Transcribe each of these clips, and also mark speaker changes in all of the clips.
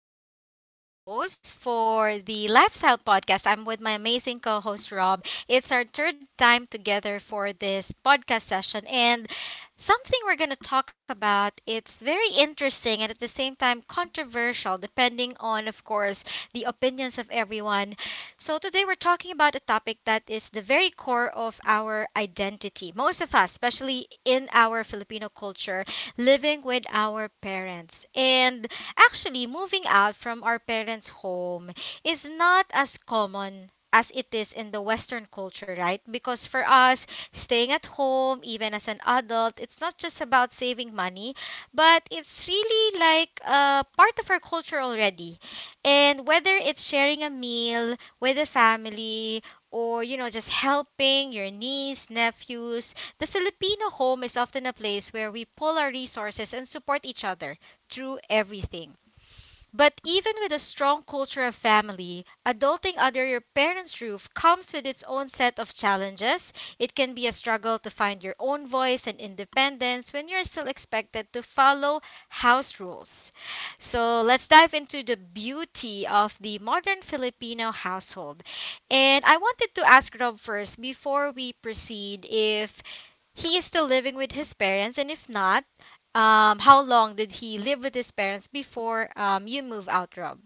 Speaker 1: I'm back again as your host for the Lifestyle Podcast. I'm with my amazing co host, Rob. It's our third time together for this podcast session, and something we're going to talk about it's very interesting and at the same time controversial, depending on, of course, the opinions of everyone. So today we're talking about a topic that is the very core of our identity, most of us, especially in our Filipino culture: living with our parents. And actually, moving out from our parents' home is not as common as it is in the Western culture, right? Because for us, staying at home, even as an adult, it's not just about saving money, but it's really like a part of our culture already. And whether it's sharing a meal with a family, or just helping your niece, nephews, the Filipino home is often a place where we pull our resources and support each other through everything. But even with a strong culture of family, adulting under your parents' roof comes with its own set of challenges. It can be a struggle to find your own voice and independence when you're still expected to follow house rules. So let's dive into the beauty of the modern Filipino household. And I wanted to ask Rob first before we proceed if he is still living with his parents, and if not, how long did he live with his parents before you move out, Rob?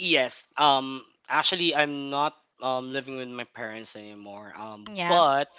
Speaker 2: Yes. Actually, I'm not living with my parents anymore.
Speaker 1: Yeah.
Speaker 2: But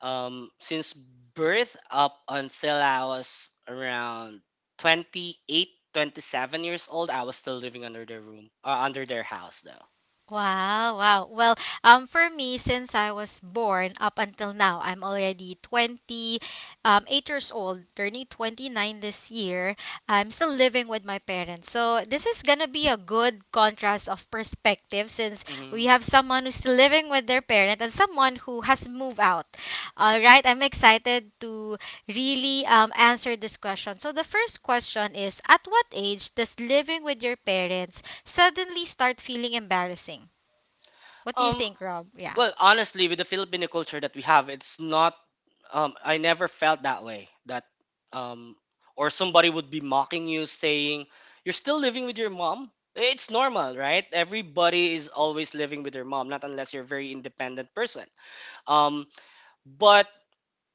Speaker 2: since birth up until I was around 27 years old, I was still living under their room, under their house though.
Speaker 1: Wow, wow. Well, for me, since I was born up until now, I'm already 20, 8 years old, turning 29 this year. I'm still living with my parents. So this is gonna be a good contrast of perspective, since
Speaker 2: Mm-hmm.
Speaker 1: we have someone who's still living with their parent and someone who has moved out. All right, I'm excited to really answer this question. So the first question is, at what age does living with your parents suddenly start feeling embarrassing? What do you
Speaker 2: Um.
Speaker 1: think, Rob? Yeah.
Speaker 2: Well, honestly, with the Filipino culture that we have, it's not. I never felt that way. That, um, or somebody would be mocking you, saying, "You're still living with your mom." It's normal, right? Everybody is always living with their mom, not unless you're a very independent person. Um, but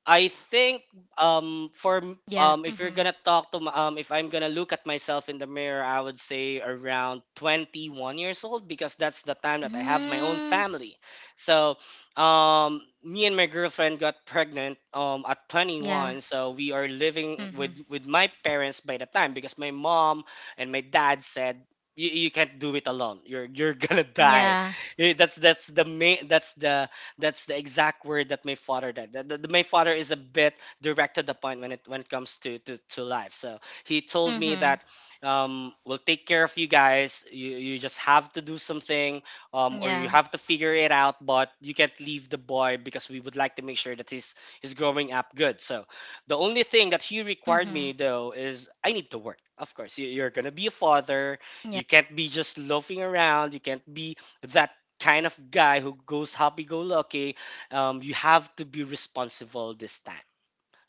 Speaker 2: I think
Speaker 1: Yeah.
Speaker 2: if you're
Speaker 1: Mm-hmm.
Speaker 2: gonna talk to m- if I'm gonna look at myself in the mirror, I would say around 21 years old because that's the time that I have my own
Speaker 1: Mm,
Speaker 2: family. So me and my girlfriend got pregnant at
Speaker 1: yeah.
Speaker 2: 21, so we are living
Speaker 1: Mm-hmm.
Speaker 2: with my parents by the time because my mom and my dad said, You can't do it alone. You're gonna die."
Speaker 1: Yeah.
Speaker 2: That's the main. That's the exact word that my father did. My father is a bit directed upon when it comes to life. So he told me
Speaker 1: Mm-hmm.
Speaker 2: that "We'll take care of you guys. You just have to do something, or you
Speaker 1: Yeah.
Speaker 2: have to figure it out. But you can't leave the boy because we would like to make sure that he's growing up good." So the only thing that he required
Speaker 1: Mm-hmm.
Speaker 2: me though is I need to work. Of course, you're gonna be a father.
Speaker 1: Yeah.
Speaker 2: You can't be just loafing around. You can't be that kind of guy who goes happy go lucky. You have to be responsible this time.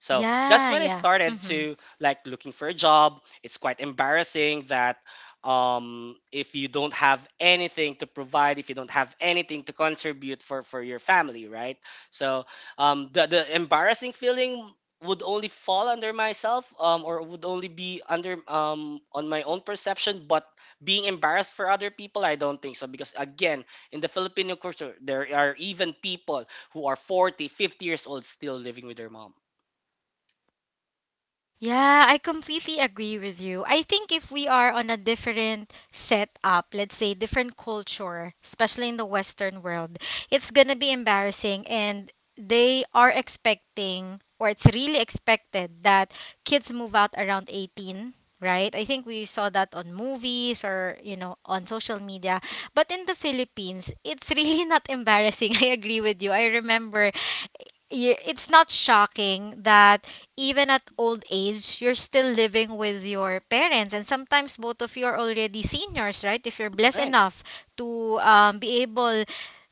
Speaker 2: So that's
Speaker 1: Yeah.
Speaker 2: when I
Speaker 1: Yeah.
Speaker 2: started
Speaker 1: Mm-hmm.
Speaker 2: to like looking for a job. It's quite embarrassing that if you don't have anything to provide, if you don't have anything to contribute for your family, right? So um, the embarrassing feeling would only fall under myself or would only be under on my own perception. But being embarrassed for other people, I don't think so, because again, in the Filipino culture, there are even people who are 40, 50 years old still living with their mom,
Speaker 1: Yeah, I completely agree with you. I think if we are on a different setup, let's say different culture, especially in the Western world, it's gonna be embarrassing, and they are expecting, or it's really expected that kids move out around 18, right? I think we saw that on movies or, on social media. But in the Philippines, it's really not embarrassing. I agree with you. I remember, it's not shocking that even at old age you're still living with your parents, and sometimes both of you are already seniors, right? If you're blessed
Speaker 2: right?
Speaker 1: enough to be able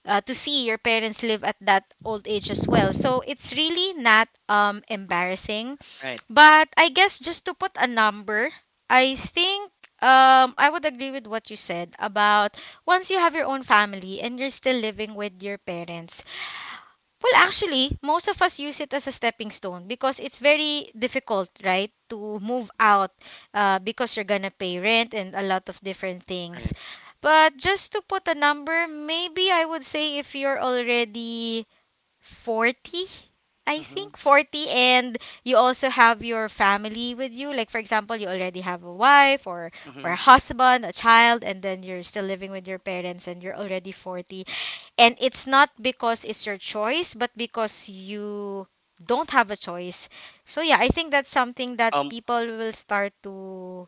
Speaker 1: to see your parents live at that old age as well. So it's really not embarrassing.
Speaker 2: Right,
Speaker 1: But I guess just to put a number, I think I would agree with what you said about once you have your own family and you're still living with your parents. Well, actually, most of us use it as a stepping stone because it's very difficult, right, to move out because you're gonna pay rent and a lot of different things.
Speaker 2: right.
Speaker 1: But just to put a number, maybe I would say if you're already 40. I
Speaker 2: Mhm.
Speaker 1: think 40, and you also have your family with you, like for example you already have a wife or a
Speaker 2: Mhm.
Speaker 1: husband, a child, and then you're still living with your parents and you're already 40, and it's not because it's your choice but because you don't have a choice. So yeah, I think that's something that
Speaker 2: Um
Speaker 1: people will start to,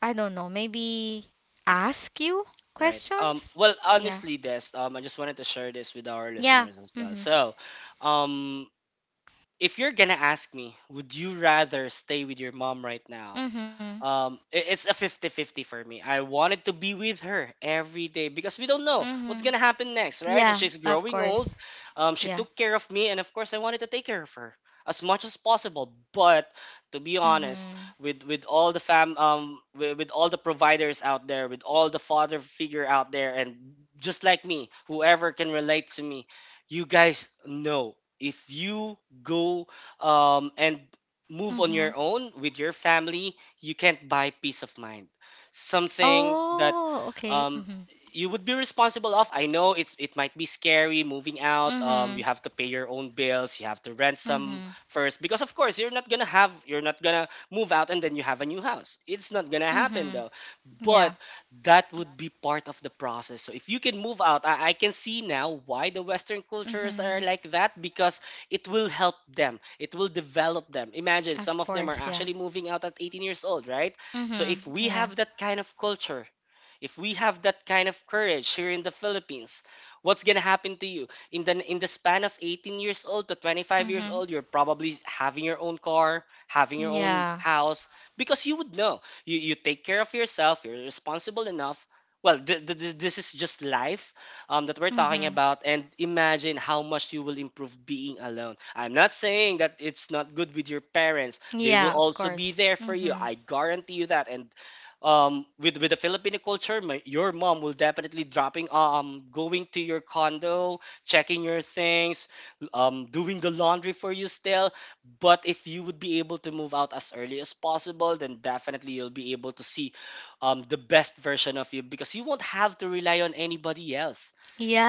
Speaker 1: I don't know, maybe ask you
Speaker 2: right.
Speaker 1: questions.
Speaker 2: Well,
Speaker 1: Yeah.
Speaker 2: honestly, Des, I just wanted to share this with our
Speaker 1: Yeah.
Speaker 2: listeners as well.
Speaker 1: Mhm.
Speaker 2: So, um if you're going to ask me, would you rather stay with your mom right now?
Speaker 1: Mhm.
Speaker 2: It's a 50-50 for me. I wanted to be with her every day because we don't know what's
Speaker 1: Mhm.
Speaker 2: gonna happen next, right?
Speaker 1: Yeah,
Speaker 2: She's
Speaker 1: of
Speaker 2: growing
Speaker 1: course.
Speaker 2: old. She
Speaker 1: Yeah.
Speaker 2: took care of me, and of course I wanted to take care of her as much as possible. But to be honest,
Speaker 1: Mhm.
Speaker 2: with all the providers out there, with all the father figure out there, and just like me, whoever can relate to me, you guys know, if you go and move on
Speaker 1: Mhm.
Speaker 2: your own with your family, you can't buy peace of mind. Something that
Speaker 1: Oh, okay.
Speaker 2: um,
Speaker 1: Mhm.
Speaker 2: you would be responsible of. I know it's it might be scary moving out.
Speaker 1: Mhm.
Speaker 2: You have to pay your own bills. You have to rent some
Speaker 1: Mhm.
Speaker 2: first, because of course you're not gonna have, you're not gonna move out and then you have a new house. It's not gonna happen
Speaker 1: Mhm.
Speaker 2: though.
Speaker 1: Yeah.
Speaker 2: But that would be part of the process. So if you can move out, I can see now why the Western cultures are
Speaker 1: Mhm.
Speaker 2: like that, because it will help them, it will develop them. Imagine,
Speaker 1: Of
Speaker 2: some of them are
Speaker 1: course, yeah.
Speaker 2: actually moving out at 18 years old, right? So
Speaker 1: Mhm.
Speaker 2: if we
Speaker 1: Yeah.
Speaker 2: have that kind of culture, if we have that kind of courage here in the Philippines, what's gonna happen to you in the span of 18 years old to 25 years
Speaker 1: Mhm.
Speaker 2: old? You're probably having your own car, having your own
Speaker 1: Yeah.
Speaker 2: house, because you would know, you take care of yourself. You're responsible enough. Well, this is just life that we're talking
Speaker 1: Mhm.
Speaker 2: about, and imagine how much you will improve being alone. I'm not saying that it's not good with your parents. They will
Speaker 1: Yeah, of
Speaker 2: also be
Speaker 1: course.
Speaker 2: there for you.
Speaker 1: Mhm.
Speaker 2: I guarantee you that. And with the Filipino culture, your mom will definitely dropping going to your condo, checking your things, doing the laundry for you still. But if you would be able to move out as early as possible, then definitely you'll be able to see the best version of you, because you won't have to rely on anybody else,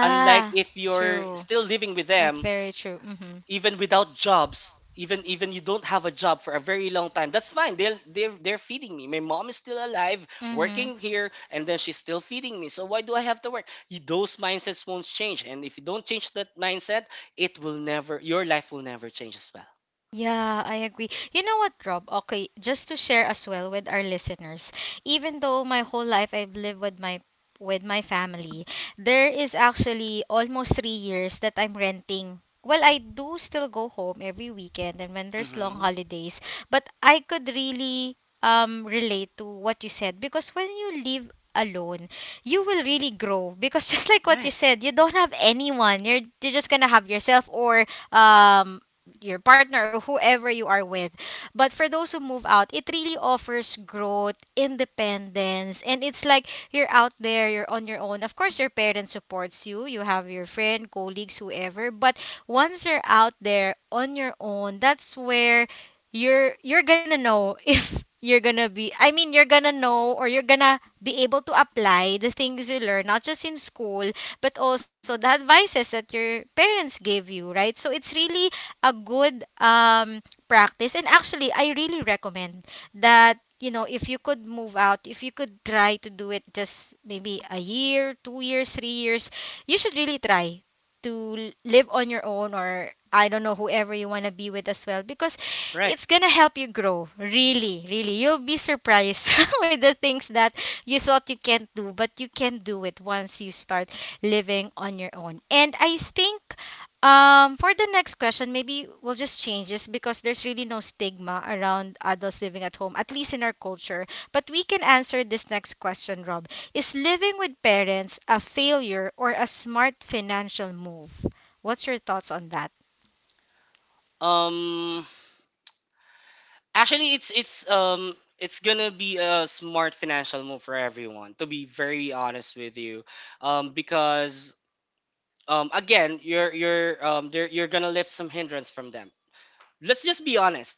Speaker 2: unlike if you're
Speaker 1: True.
Speaker 2: still living with
Speaker 1: That's
Speaker 2: them
Speaker 1: very true. Mhm.
Speaker 2: even without jobs. Even you don't have a job for a very long time, that's fine. They're feeding me. My mom is still alive
Speaker 1: Mhm.
Speaker 2: working here, and then she's still feeding me, so why do I have to work? Those mindsets won't change, and if you don't change that mindset, it will never, your life will never change as well.
Speaker 1: Yeah, I agree. You know what, Rob? Okay, just to share as well with our listeners, even though my whole life I've lived with my, with my family, there is actually almost 3 years that I'm renting. Well, I do still go home every weekend and when there's long
Speaker 2: Hmm
Speaker 1: holidays, but I could really relate to what you said, because when you live alone, you will really grow, because just like what you
Speaker 2: right
Speaker 1: said, you don't have anyone. You're just gonna have yourself or your partner or whoever you are with. But for those who move out, it really offers growth, independence, and it's like you're out there, you're on your own. Of course, your parents supports you. You have your friend, colleagues, whoever. But once you're out there on your own, that's where you're gonna know if you're gonna be, I mean, you're gonna know, or you're gonna be able to apply the things you learn, not just in school but also the advices that your parents gave you, right? So it's really a good practice, and actually I really recommend that, if you could move out, if you could try to do it just maybe a year, 2 years, 3 years, you should really try to live on your own, or I don't know, whoever you want to be with as well, because
Speaker 2: right
Speaker 1: it's gonna help you grow, really, really. You'll be surprised with the things that you thought you can't do, but you can do it once you start living on your own. And I think for the next question, maybe we'll just change this because there's really no stigma around adults living at home, at least in our culture. But we can answer this next question, Rob. Is living with parents a failure or a smart financial move? What's your thoughts on that?
Speaker 2: um actually, it's it's gonna be a smart financial move for everyone. To be very honest with you, because again, you're gonna lift some hindrance from them. Let's just be honest,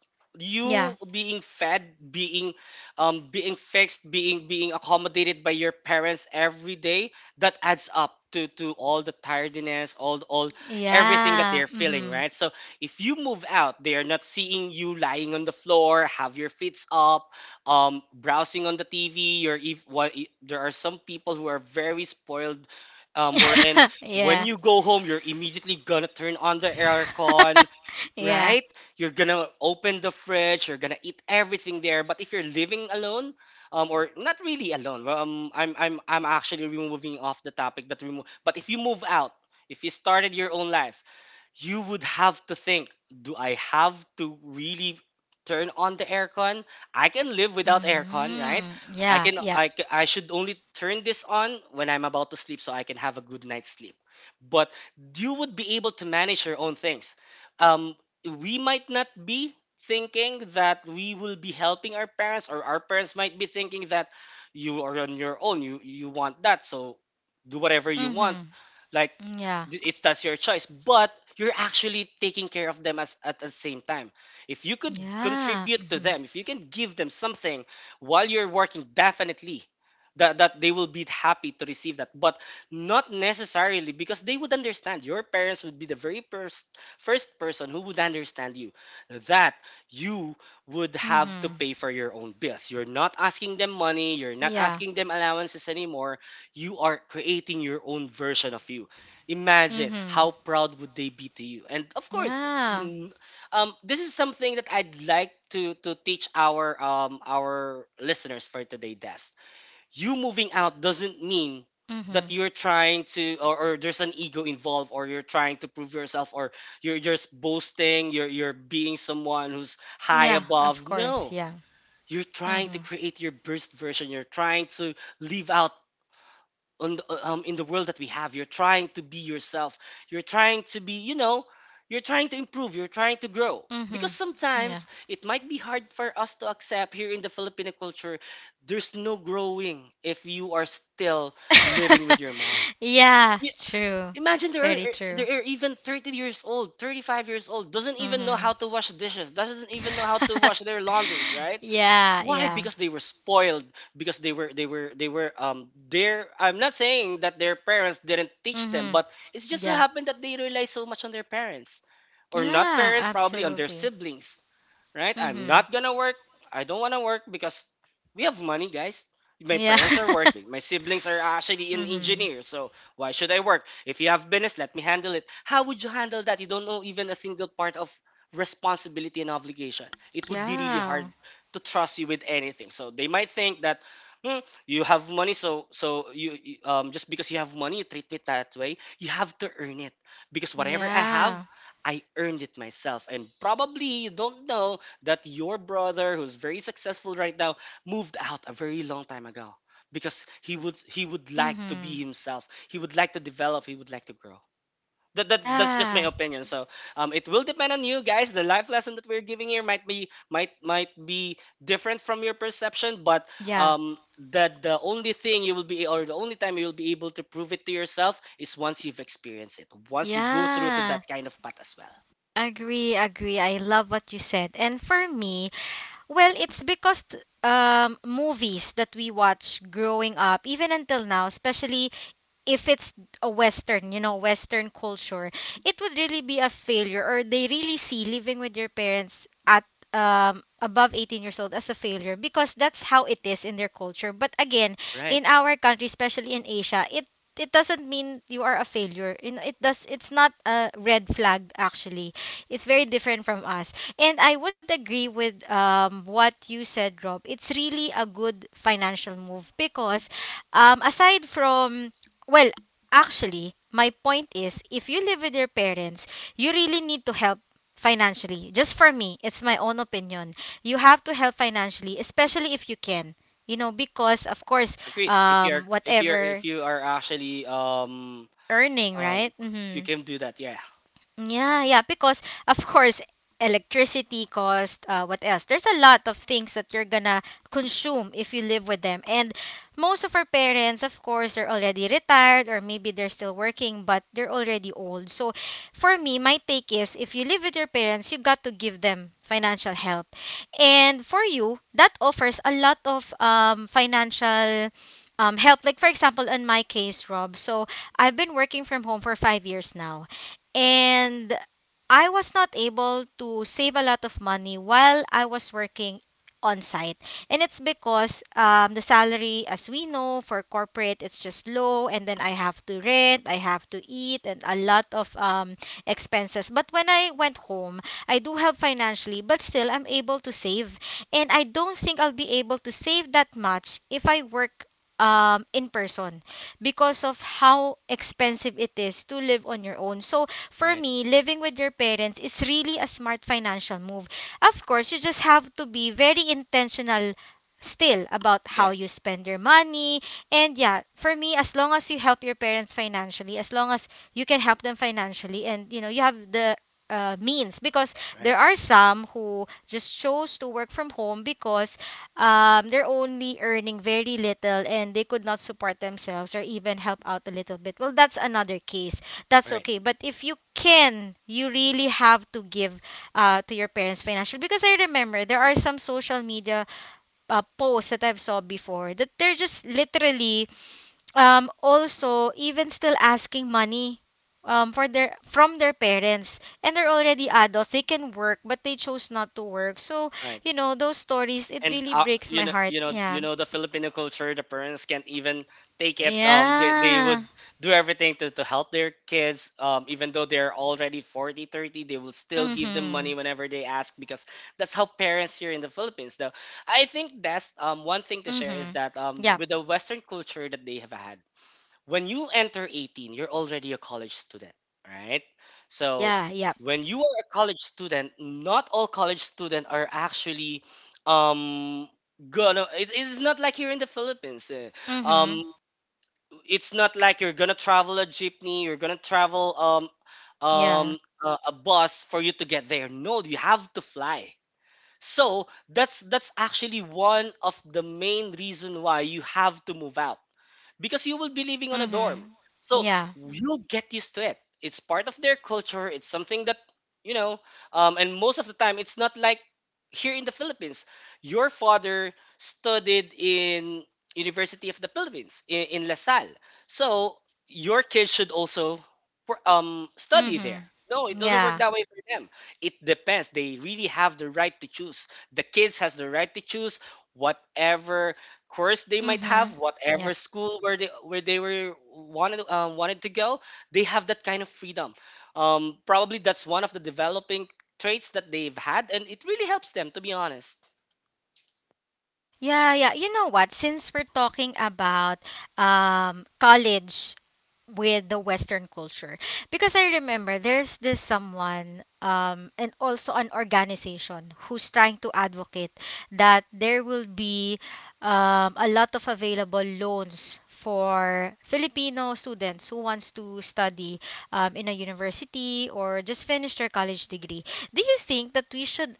Speaker 1: Yeah.
Speaker 2: you being fed, being being fixed, being accommodated by your parents every day, that adds up to all the tiredness, all everything that
Speaker 1: Yeah.
Speaker 2: they're feeling,
Speaker 1: Mm-hmm.
Speaker 2: right? So if you move out, they are not seeing you lying on the floor, have your feet up, browsing on the TV. You're if what e, There are some people who are very spoiled, wherein when
Speaker 1: yeah.
Speaker 2: you go home, you're immediately gonna turn on the aircon,
Speaker 1: yeah.
Speaker 2: right? You're gonna open the fridge, you're gonna eat everything there. But if you're living alone, or not really alone, well, um, I'm actually removing off the topic that remove. But if you move out, if you started your own life, you would have to think, do I have to really turn on the aircon? I can live without aircon, right?
Speaker 1: Mm, yeah. Yeah.
Speaker 2: I should only turn this on when I'm about to sleep, so I can have a good night's sleep. But you would be able to manage your own things. Um, we might not be thinking that we will be helping our parents, or our parents might be thinking that you are on your own, you want that, so do whatever you want.
Speaker 1: Mm-hmm.
Speaker 2: like
Speaker 1: Yeah.
Speaker 2: it's that's your choice, but you're actually taking care of them as at the same time. If you could
Speaker 1: Yeah.
Speaker 2: contribute to
Speaker 1: Mm-hmm.
Speaker 2: them, if you can give them something while you're working, definitely that they will be happy to receive that. But not necessarily, because they would understand. Your parents would be the very first person who would understand you, that you would have to
Speaker 1: Mm-hmm.
Speaker 2: pay for your own bills. You're not asking them money, you're not
Speaker 1: Yeah.
Speaker 2: asking them allowances anymore. You are creating your own version of you. Imagine
Speaker 1: Mm-hmm.
Speaker 2: how proud would they be to you. And of course,
Speaker 1: Yeah.
Speaker 2: mm, this is something that I'd like to teach our listeners for today, Dest. You moving out doesn't mean
Speaker 1: Mm-hmm.
Speaker 2: that you're trying to, or there's an ego involved, or you're trying to prove yourself, or you're just boasting, you're being someone who's high
Speaker 1: Yeah, of
Speaker 2: above.
Speaker 1: course.
Speaker 2: No.
Speaker 1: Yeah.
Speaker 2: You're trying to
Speaker 1: Mm-hmm.
Speaker 2: create your best version. You're trying to live out on the, in the world that we have. You're trying to be yourself, you're trying to be, you know, you're trying to improve, you're trying to grow, because
Speaker 1: Mm-hmm. Yeah.
Speaker 2: sometimes it might be hard for us to accept, here in the Filipino culture there's no growing if you are still living with your mom.
Speaker 1: yeah,
Speaker 2: Y-
Speaker 1: true.
Speaker 2: Imagine,
Speaker 1: Very true.
Speaker 2: they're even 30 years old, 35 years old, doesn't even know how
Speaker 1: Mm-hmm.
Speaker 2: to wash dishes, doesn't even know how to wash their laundries, right?
Speaker 1: yeah,
Speaker 2: Why?
Speaker 1: yeah.
Speaker 2: Because they were spoiled. Because they were they were their I'm not saying that their parents didn't teach them,
Speaker 1: Mm-hmm.
Speaker 2: but it's just so
Speaker 1: Yeah.
Speaker 2: happened that they rely so much on their parents. Or not
Speaker 1: Yeah,
Speaker 2: parents, probably on their
Speaker 1: absolutely.
Speaker 2: siblings, right? "I'm
Speaker 1: Mm-hmm.
Speaker 2: not gonna work. I don't wanna work because we have money, guys. My
Speaker 1: Yeah.
Speaker 2: parents are working. My siblings are actually in
Speaker 1: mm-hmm.
Speaker 2: engineers, so why should I work? If you have business, let me handle it." How would you handle that? You don't know even a single part of responsibility and obligation. It would be really
Speaker 1: Yeah.
Speaker 2: hard to trust you with anything. So they might think that, "Hmm, you have money, so just because you have money, you treat me that way. You have to earn it because whatever I
Speaker 1: Yeah.
Speaker 2: have, I earned it myself. And probably you don't know that your brother, who's very successful right now, moved out a very long time ago because he would like to be
Speaker 1: Mm-hmm.
Speaker 2: himself. He would like to develop. He would like to grow. That's just my
Speaker 1: Yeah.
Speaker 2: opinion. So it will depend on you guys. The life lesson that we're giving here might be different from your perception, but
Speaker 1: Yeah.
Speaker 2: um, that the only thing you will be or the only time you will be able to prove it to yourself is once you've experienced it, once you go through to that
Speaker 1: Yeah.
Speaker 2: kind of path as well.
Speaker 1: Agree, agree. I love what you said. And for me, well, it's because, movies that we watch growing up, even until now, especially if it's a Western, Western culture, it would really be a failure, or they really see living with your parents at above 18 years old as a failure, because that's how it is in their culture. But again,
Speaker 2: Right.
Speaker 1: in our country, especially in Asia, it doesn't mean you are a failure, you know, it does, it's not a red flag, actually. It's very different from us. And I would agree with what you said, Rob. It's really a good financial move because aside from, well, actually, my point is if you live with your parents, you really need to help financially. Just for me, it's my own opinion. You have to help financially, especially if you can. You know, because of course,
Speaker 2: Agreed. If you're if you're if
Speaker 1: whatever
Speaker 2: you are actually
Speaker 1: earning,
Speaker 2: um
Speaker 1: right?
Speaker 2: you
Speaker 1: Mm-hmm.
Speaker 2: can do that. Yeah.
Speaker 1: Yeah, yeah, because of course electricity cost, what else, there's a lot of things that you're gonna consume if you live with them. And most of our parents of course are already retired, or maybe they're still working but they're already old. So for me, my take is if you live with your parents, you got to give them financial help. And for you, that offers a lot of financial help. Like for example in my case, Rob, so I've been working from home for 5 years now, and I was not able to save a lot of money while I was working on site. And it's because the salary, as we know, for corporate, it's just low. And then I have to rent, I have to eat, and a lot of expenses. But when I went home, I do help financially, but still I'm able to save. And I don't think I'll be able to save that much if I work in person, because of how expensive it is to live on your own. So for
Speaker 2: Right.
Speaker 1: me, living with your parents is really a smart financial move. Of course, you just have to be very intentional still about how you
Speaker 2: Yes.
Speaker 1: spend your money. And yeah, for me, as long as you help your parents financially, as long as you can help them financially, and you know, you have the means, because there
Speaker 2: Right.
Speaker 1: are some who just chose to work from home because they're only earning very little and they could not support themselves or even help out a little bit. Well, that's another case, that's
Speaker 2: Right.
Speaker 1: okay, but if you can, you really have to give, to your parents financial, because I remember there are some social media posts that I've saw before, that they're just literally, also even still asking money, for their from their parents. And they're already adults, they can work but they chose not to work, so
Speaker 2: Right.
Speaker 1: you know those stories, it
Speaker 2: And
Speaker 1: really breaks
Speaker 2: you
Speaker 1: my
Speaker 2: know
Speaker 1: heart.
Speaker 2: you know you
Speaker 1: Yeah,
Speaker 2: know the Filipino culture, the parents can't even take it, they
Speaker 1: yeah.
Speaker 2: would do everything to help their kids, um, even though they're already 40, 30, they will still give them
Speaker 1: Mm-hmm.
Speaker 2: money whenever they ask, because that's how parents here in the Philippines though. I think that's one thing to share is
Speaker 1: Mm-hmm.
Speaker 2: that
Speaker 1: Yeah,
Speaker 2: with the western culture that they have had, when you enter 18, you're already a college student, right? So
Speaker 1: yeah, yeah.
Speaker 2: when you are a college student, not all college students are actually um it's not like you're in the Philippines, eh. um
Speaker 1: Mm-hmm.
Speaker 2: it's not like you're gonna travel a jeepney. You're gonna travel
Speaker 1: Yeah.
Speaker 2: um a bus for you to get there. No, you have to fly. So that's actually one of the main reason why you have to move out, because you will be living on a
Speaker 1: Mhm.
Speaker 2: dorm. So
Speaker 1: Yeah.
Speaker 2: you'll get used to it. It's part of their culture. It's something that, you know. And most of the time, it's not like here in the Philippines. Your father studied in University of the Philippines, in La Salle, so your kids should also study there.
Speaker 1: Mhm.
Speaker 2: No, it doesn't work
Speaker 1: Yeah.
Speaker 2: that way for them. It depends. They really have the right to choose. The kids has the right to choose whatever course they might have,
Speaker 1: Mhm.
Speaker 2: whatever school where they were wanted wanted to go. They have that kind of freedom. Probably that's one of the developing traits that they've had, and it really helps them, to be honest.
Speaker 1: Yeah, yeah. You know what? Since we're talking about college with the Western culture, because I remember there's this someone, and also an organization who's trying to advocate that there will be, a lot of available loans for Filipino students who wants to study in a university or just finish their college degree. Do you think that we should,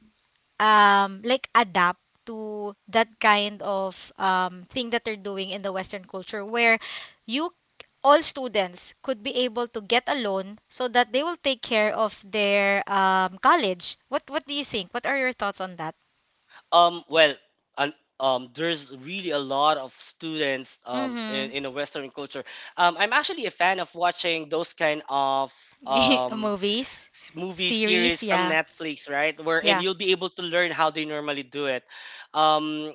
Speaker 1: like, adapt to that kind of thing that they're doing in the Western culture, where you all students could be able to get a loan so that they will take care of their college? What do you think? What are your thoughts on that?
Speaker 2: um, well un- there's really a lot of students um, in,
Speaker 1: Mhm.
Speaker 2: in a western culture. I'm actually a fan of watching those kind of um,
Speaker 1: Movies.
Speaker 2: movie
Speaker 1: Series,
Speaker 2: series from
Speaker 1: yeah.
Speaker 2: Netflix, right? Wherein
Speaker 1: Yeah.
Speaker 2: you'll be able to learn how they normally do it. Um,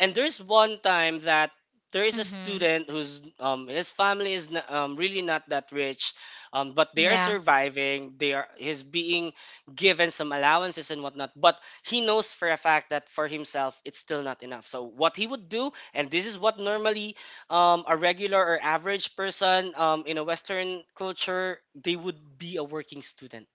Speaker 2: and there's one time that there is a
Speaker 1: Mhm.
Speaker 2: student whose his family is really not that rich, but they are
Speaker 1: Yeah,
Speaker 2: surviving. They are He's being given some allowances and whatnot, but he knows for a fact that for himself it's still not enough. So what he would do, and this is what normally a regular or average person in a Western culture, they would be a working student.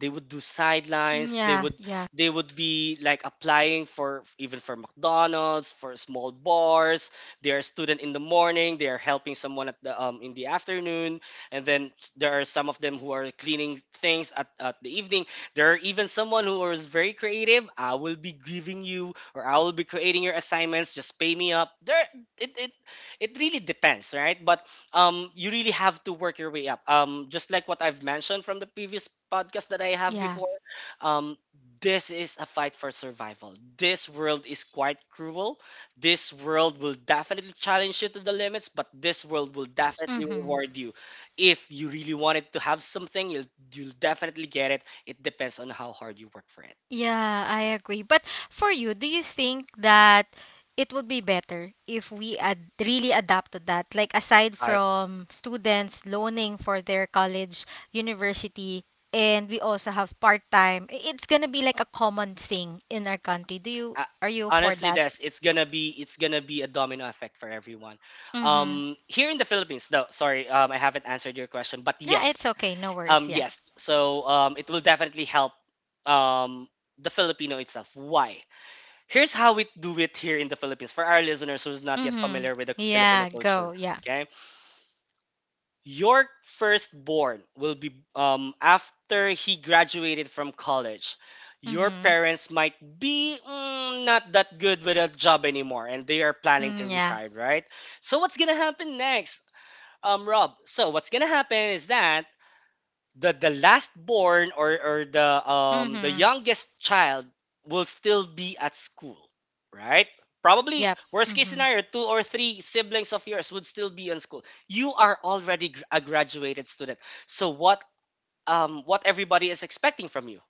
Speaker 2: They would do sidelines.
Speaker 1: yeah, yeah,
Speaker 2: They would be like applying for even for McDonald's, for small bars. They are student in the morning. They are helping someone at the in the afternoon, and then there are some of them who are cleaning things at the evening. There are even someone who is very creative. I will be giving you, or I will be creating your assignments. Just pay me up. There, it it it really depends, right? But you really have to work your way up, just like what I've mentioned from the previous podcast that I have
Speaker 1: yeah.
Speaker 2: before. um this is a fight for survival. This world is quite cruel. This world will definitely challenge you to the limits, but this world will definitely
Speaker 1: Mhm.
Speaker 2: reward you. If you really wanted to have something, you'll definitely get it. It depends on how hard you work for it.
Speaker 1: Yeah, I agree. But for you, do you think that it would be better if we really adapt to that? Like, aside
Speaker 2: I
Speaker 1: from students loaning for their college, university, and we also have part-time, it's gonna be like a common thing in our country. Do you
Speaker 2: uh,
Speaker 1: Are you for
Speaker 2: Honestly,
Speaker 1: that?
Speaker 2: Des, it's gonna be a domino effect for everyone,
Speaker 1: Mm-hmm.
Speaker 2: here in the Philippines. No, sorry, I haven't answered your question, but
Speaker 1: Yeah,
Speaker 2: yes,
Speaker 1: it's okay. No worries. Yeah.
Speaker 2: it will definitely help um the Filipino itself. Why? Here's how we do it here in the Philippines for our listeners who's not yet
Speaker 1: Mm-hmm.
Speaker 2: familiar with the Filipino
Speaker 1: Yeah,
Speaker 2: culture.
Speaker 1: go. Yeah.
Speaker 2: Okay. Your firstborn will be, um, after he graduated from college. Your
Speaker 1: Mm-hmm.
Speaker 2: parents might be, not that good with a job anymore, and they are planning to
Speaker 1: Mm, yeah.
Speaker 2: retire, right? So what's gonna happen next, Rob? So what's gonna happen is that the last born, or the
Speaker 1: Mm-hmm.
Speaker 2: youngest child will still be at school, right? Probably
Speaker 1: Yep.
Speaker 2: worst case
Speaker 1: Mm-hmm.
Speaker 2: scenario, two or three siblings of yours would still be in school. You are already a graduated student. So what, what everybody is expecting from you,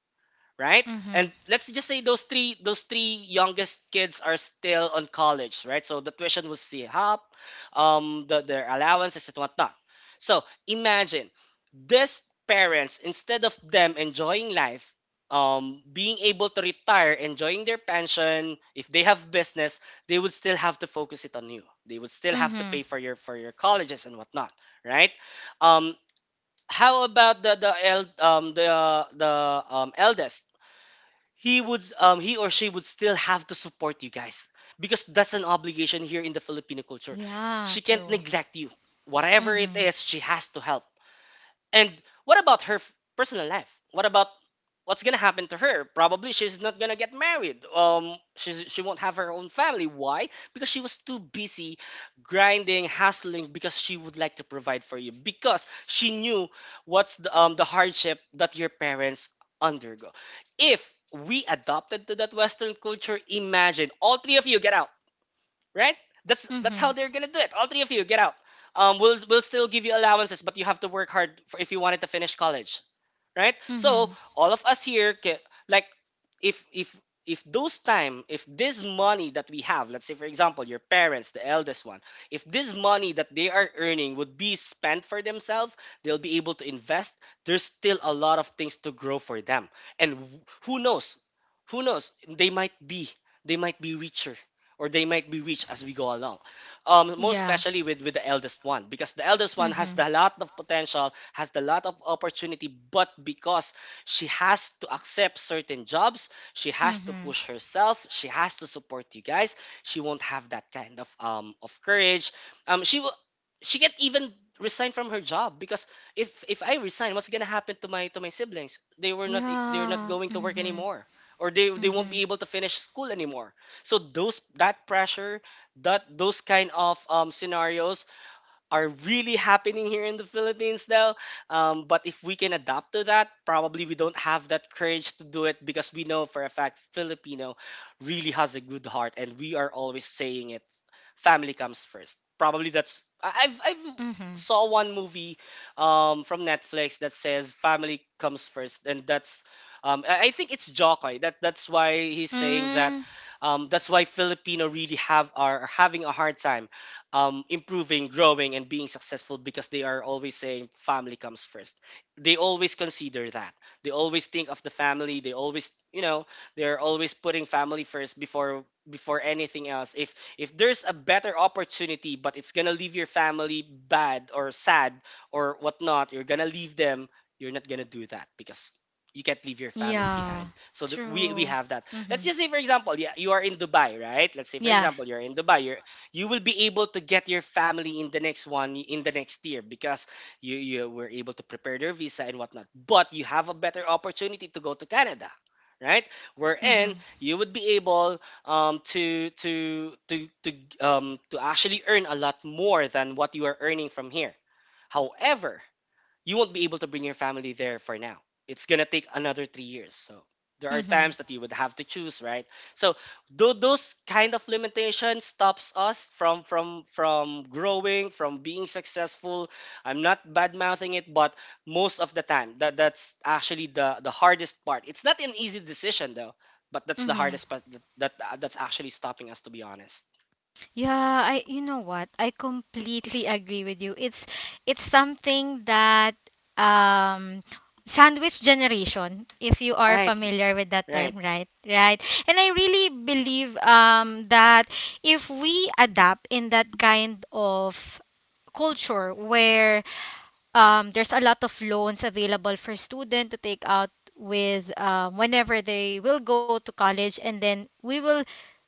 Speaker 2: right? And
Speaker 1: Mm-hmm.
Speaker 2: let's just say those three, those three youngest kids are still on college, right? So the tuition will see up, the, their allowances and whatnot. So imagine this parents, instead of them enjoying life, being able to retire, enjoying their pension, if they have business, they would still have to focus it on you. They would still have to
Speaker 1: Mm-hmm.
Speaker 2: pay for your colleges and whatnot, right? Um, how about the el- the eldest? He would, he or she would still have to support you guys, because that's an obligation here in the Filipino culture.
Speaker 1: Yeah,
Speaker 2: She can't
Speaker 1: true.
Speaker 2: neglect you. Whatever it
Speaker 1: Mm-hmm.
Speaker 2: is, she has to help. And what about her personal life? What about, what's gonna happen to her? Probably she's not gonna get married. She won't have her own family. Why? Because she was too busy grinding, hustling, because she would like to provide for you. Because she knew what's the hardship that your parents undergo. If we adopted to that Western culture, imagine all three of you get out, right? That's how
Speaker 1: Mhm.
Speaker 2: they're gonna do it. All three of you get out. We'll still give you allowances, but you have to work hard for if you wanted to finish college, right? So
Speaker 1: Mhm.
Speaker 2: all of us here, like, if if if those time, if this money that we have, let's say for example, your parents, the eldest one, if this money that they are earning would be spent for themselves, they'll be able to invest. There's still a lot of things to grow for them, and who knows, they might be, they might be richer. Or they might be rich as we go along, most
Speaker 1: Yeah.
Speaker 2: especially with the eldest one, because the eldest one has
Speaker 1: Mhm.
Speaker 2: the lot of potential, has a lot of opportunity, but because she has to accept certain jobs, she has to
Speaker 1: Mhm.
Speaker 2: push herself, she has to support you guys. She won't have that kind of courage. She will. She can't even resign from her job, because if I resign, what's gonna happen to my, to my siblings? They're not
Speaker 1: Yeah.
Speaker 2: going to work
Speaker 1: Mhm.
Speaker 2: anymore, or they won't be
Speaker 1: Mhm.
Speaker 2: able to finish school anymore. So those that pressure, that those kind of scenarios are really happening here in the Philippines though. But if we can adapt to that, probably we don't have that courage to do it, because we know for a fact Filipino really has a good heart, and we are always saying it, family comes first. Probably that's, I've
Speaker 1: Mhm.
Speaker 2: saw one movie from Netflix that says family comes first, and that's, I think it's Jokoy. That that's why he's saying that.
Speaker 1: Mm.
Speaker 2: That's why Filipino really have, are having a hard time improving, growing, and being successful, because they are always saying family comes first. They always consider that. They always think of the family. They always, you know, they're always putting family first before, anything else. If there's a better opportunity, but it's gonna leave your family bad or sad or whatnot, you're gonna leave them. You're not gonna do that because you can't leave your family
Speaker 1: Yeah.
Speaker 2: behind. So the, we
Speaker 1: True.
Speaker 2: have that. Let's
Speaker 1: Mhm.
Speaker 2: just say, for example, yeah, you are in Dubai, right? Let's say, for
Speaker 1: Yeah.
Speaker 2: example, you're in Dubai. You will be able to get your family in the next one, in the next year, because you were able to prepare their visa and whatnot. But you have a better opportunity to go to Canada, right?
Speaker 1: Mhm.
Speaker 2: Wherein you would be able um, to to to to to actually earn a lot more than what you are earning from here. However, you won't be able to bring your family there for now. It's gonna take another 3 years. So there are
Speaker 1: Mhm.
Speaker 2: times that you would have to choose, right? So, though those kind of limitations stops us from, from growing, from being successful. I'm not bad mouthing it, but most of the time that, that's actually the hardest part. It's not an easy decision though, but that's the
Speaker 1: Mhm.
Speaker 2: hardest part that, that, that's actually stopping us, to be honest.
Speaker 1: Yeah, I you know what? I completely agree with you. It's something that, um sandwich generation, if you are
Speaker 2: Right,
Speaker 1: familiar with that
Speaker 2: right,
Speaker 1: term, right? Right? And I really believe that if we adapt in that kind of culture where, there's a lot of loans available for student to take out with, whenever they will go to college, and then we will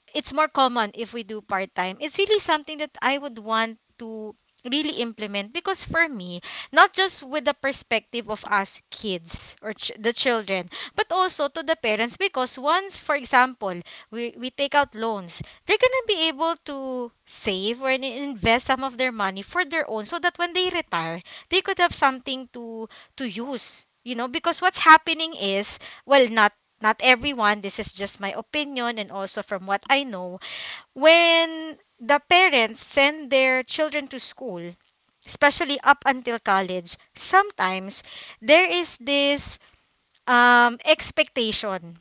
Speaker 1: it's more common if we do part time. It's really something that I would want to really implement because for me, not just with the perspective of us kids or the children, but also to the parents, because once, for example, we take out loans, they're gonna be able to save or invest some of their money for their own, so that when they retire, they could have something to use. You know, because what's happening is, well, not everyone, this is just my opinion and also from what I know, when the parents send their children to school, especially up until college, sometimes there is this, expectation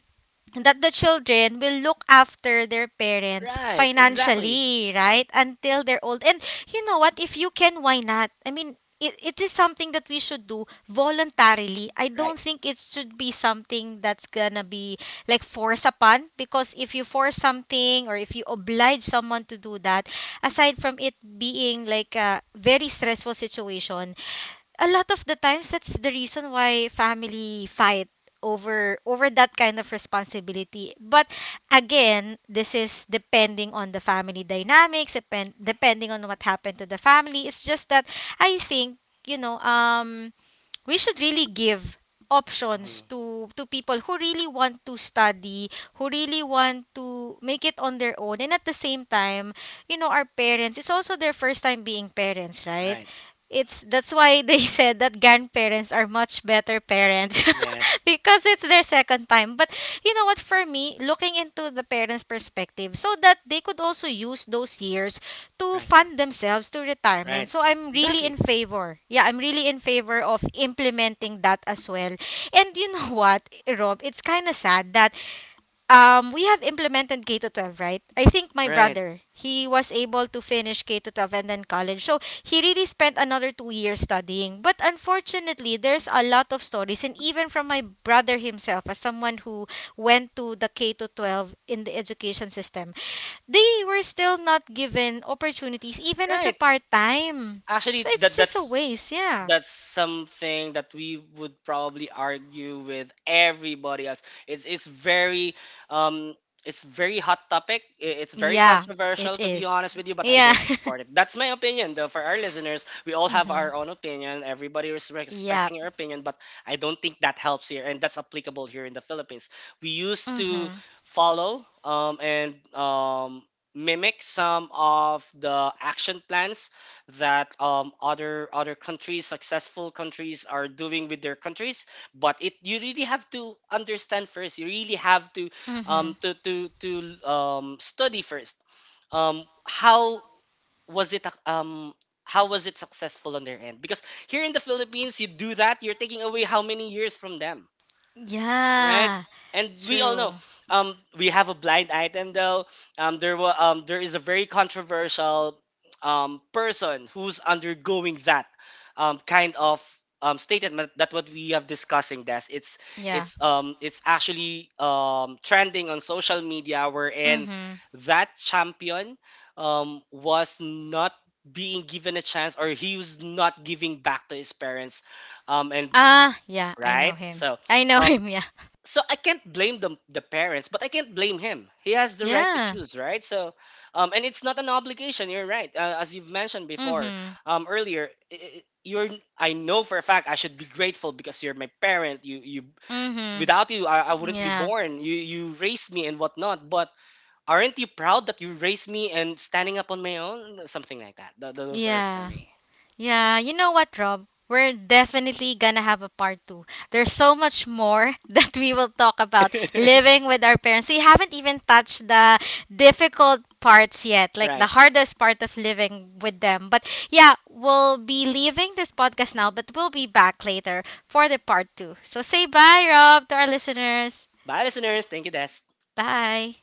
Speaker 1: that the children will look after their parents
Speaker 2: right, exactly.
Speaker 1: financially, right? Until they're old. And you know what? If you can, why not? I mean, it is something that we should do voluntarily. I
Speaker 2: Right,
Speaker 1: don't think it should be something that's gonna be like forced upon, because if you force something or if you oblige someone to do that, aside from it being like a very stressful situation, a lot of the times that's the reason why family fight over that kind of responsibility. But again, this is depending on the family dynamics, depending on what happened to the family. It's just that I think, you know, we should really give
Speaker 2: Mhm,
Speaker 1: options to people who really want to study, who really want to make it on their own. And at the same time, you know, our parents, it's also their first time being parents, right?
Speaker 2: right.
Speaker 1: It's That's why they said that grandparents are much better parents
Speaker 2: Yes,
Speaker 1: because it's their second time. But you know what, for me, looking into the parents' perspective, so that they could also use those years to
Speaker 2: right.
Speaker 1: fund themselves to
Speaker 2: Right.
Speaker 1: retirement. So I'm really
Speaker 2: Exactly.
Speaker 1: in favor. Yeah, I'm really in favor of implementing that as well. And you know what, Rob, it's kind of sad that we have implemented K to 12, right? I think my
Speaker 2: Right.
Speaker 1: brother, he was able to finish K to 12 and then college, so he really spent another 2 years studying. But unfortunately, there's a lot of stories, and even from my brother himself, as someone who went to the K to 12 in the education system, they were still not given opportunities even as a
Speaker 2: Right.
Speaker 1: part time. So
Speaker 2: Actually,
Speaker 1: it's
Speaker 2: that
Speaker 1: just a
Speaker 2: that's
Speaker 1: waste, yeah.
Speaker 2: that's something that we would probably argue with everybody else. It's very, um it's very hot topic. It's very
Speaker 1: Yeah, it
Speaker 2: controversial, to be
Speaker 1: is.
Speaker 2: honest with you, but I
Speaker 1: Yeah.
Speaker 2: don't support it. That's my opinion though, for our listeners. We all have
Speaker 1: Mhm.
Speaker 2: our own opinion. Everybody is
Speaker 1: Yep.
Speaker 2: respecting your opinion, but I don't think that helps here, and that's applicable here in the Philippines. We used to
Speaker 1: Mhm.
Speaker 2: follow and mimic some of the action plans that other, other countries, successful countries are doing with their countries, but it, you really have to understand first, you really have to um,
Speaker 1: Mhm.
Speaker 2: to to to study first, um, how was it how was it successful on their end, because here in the Philippines you do that, you're taking away how many years from them, right?
Speaker 1: Yeah.
Speaker 2: And we all know,
Speaker 1: True.
Speaker 2: we have a blind item though. There is a very controversial person who's undergoing that kind of statement that what we have discussing this. It's
Speaker 1: Yeah.
Speaker 2: it's it's actually trending on social media wherein
Speaker 1: Mhm.
Speaker 2: that champion was not being given a chance, or he was not giving back to his parents and,
Speaker 1: Ah, yeah, I
Speaker 2: right,
Speaker 1: know him.
Speaker 2: so
Speaker 1: I know
Speaker 2: um
Speaker 1: him, yeah.
Speaker 2: I can't blame the parents, but I can't blame him. He has the right to
Speaker 1: Yeah.
Speaker 2: choose, right? So, and it's not an obligation. You're right, as you've mentioned before,
Speaker 1: Mhm.
Speaker 2: earlier. You're, I know for a fact I should be grateful because you're my parent. You,
Speaker 1: Mhm.
Speaker 2: without you, I wouldn't be
Speaker 1: Yeah.
Speaker 2: born. You raised me and whatnot. But aren't you proud that you raised me and standing up on my own? Something like that. Those are for
Speaker 1: Yeah.
Speaker 2: me.
Speaker 1: Yeah, you know what, Rob? We're definitely gonna have a part two. There's so much more that we will talk about living with our parents. We haven't even touched the difficult parts yet, like the
Speaker 2: Right.
Speaker 1: hardest part of living with them. But yeah, we'll be leaving this podcast now, but we'll be back later for the part two. So say bye, Rob, to our listeners.
Speaker 2: Bye, listeners. Thank you, Des.
Speaker 1: Bye.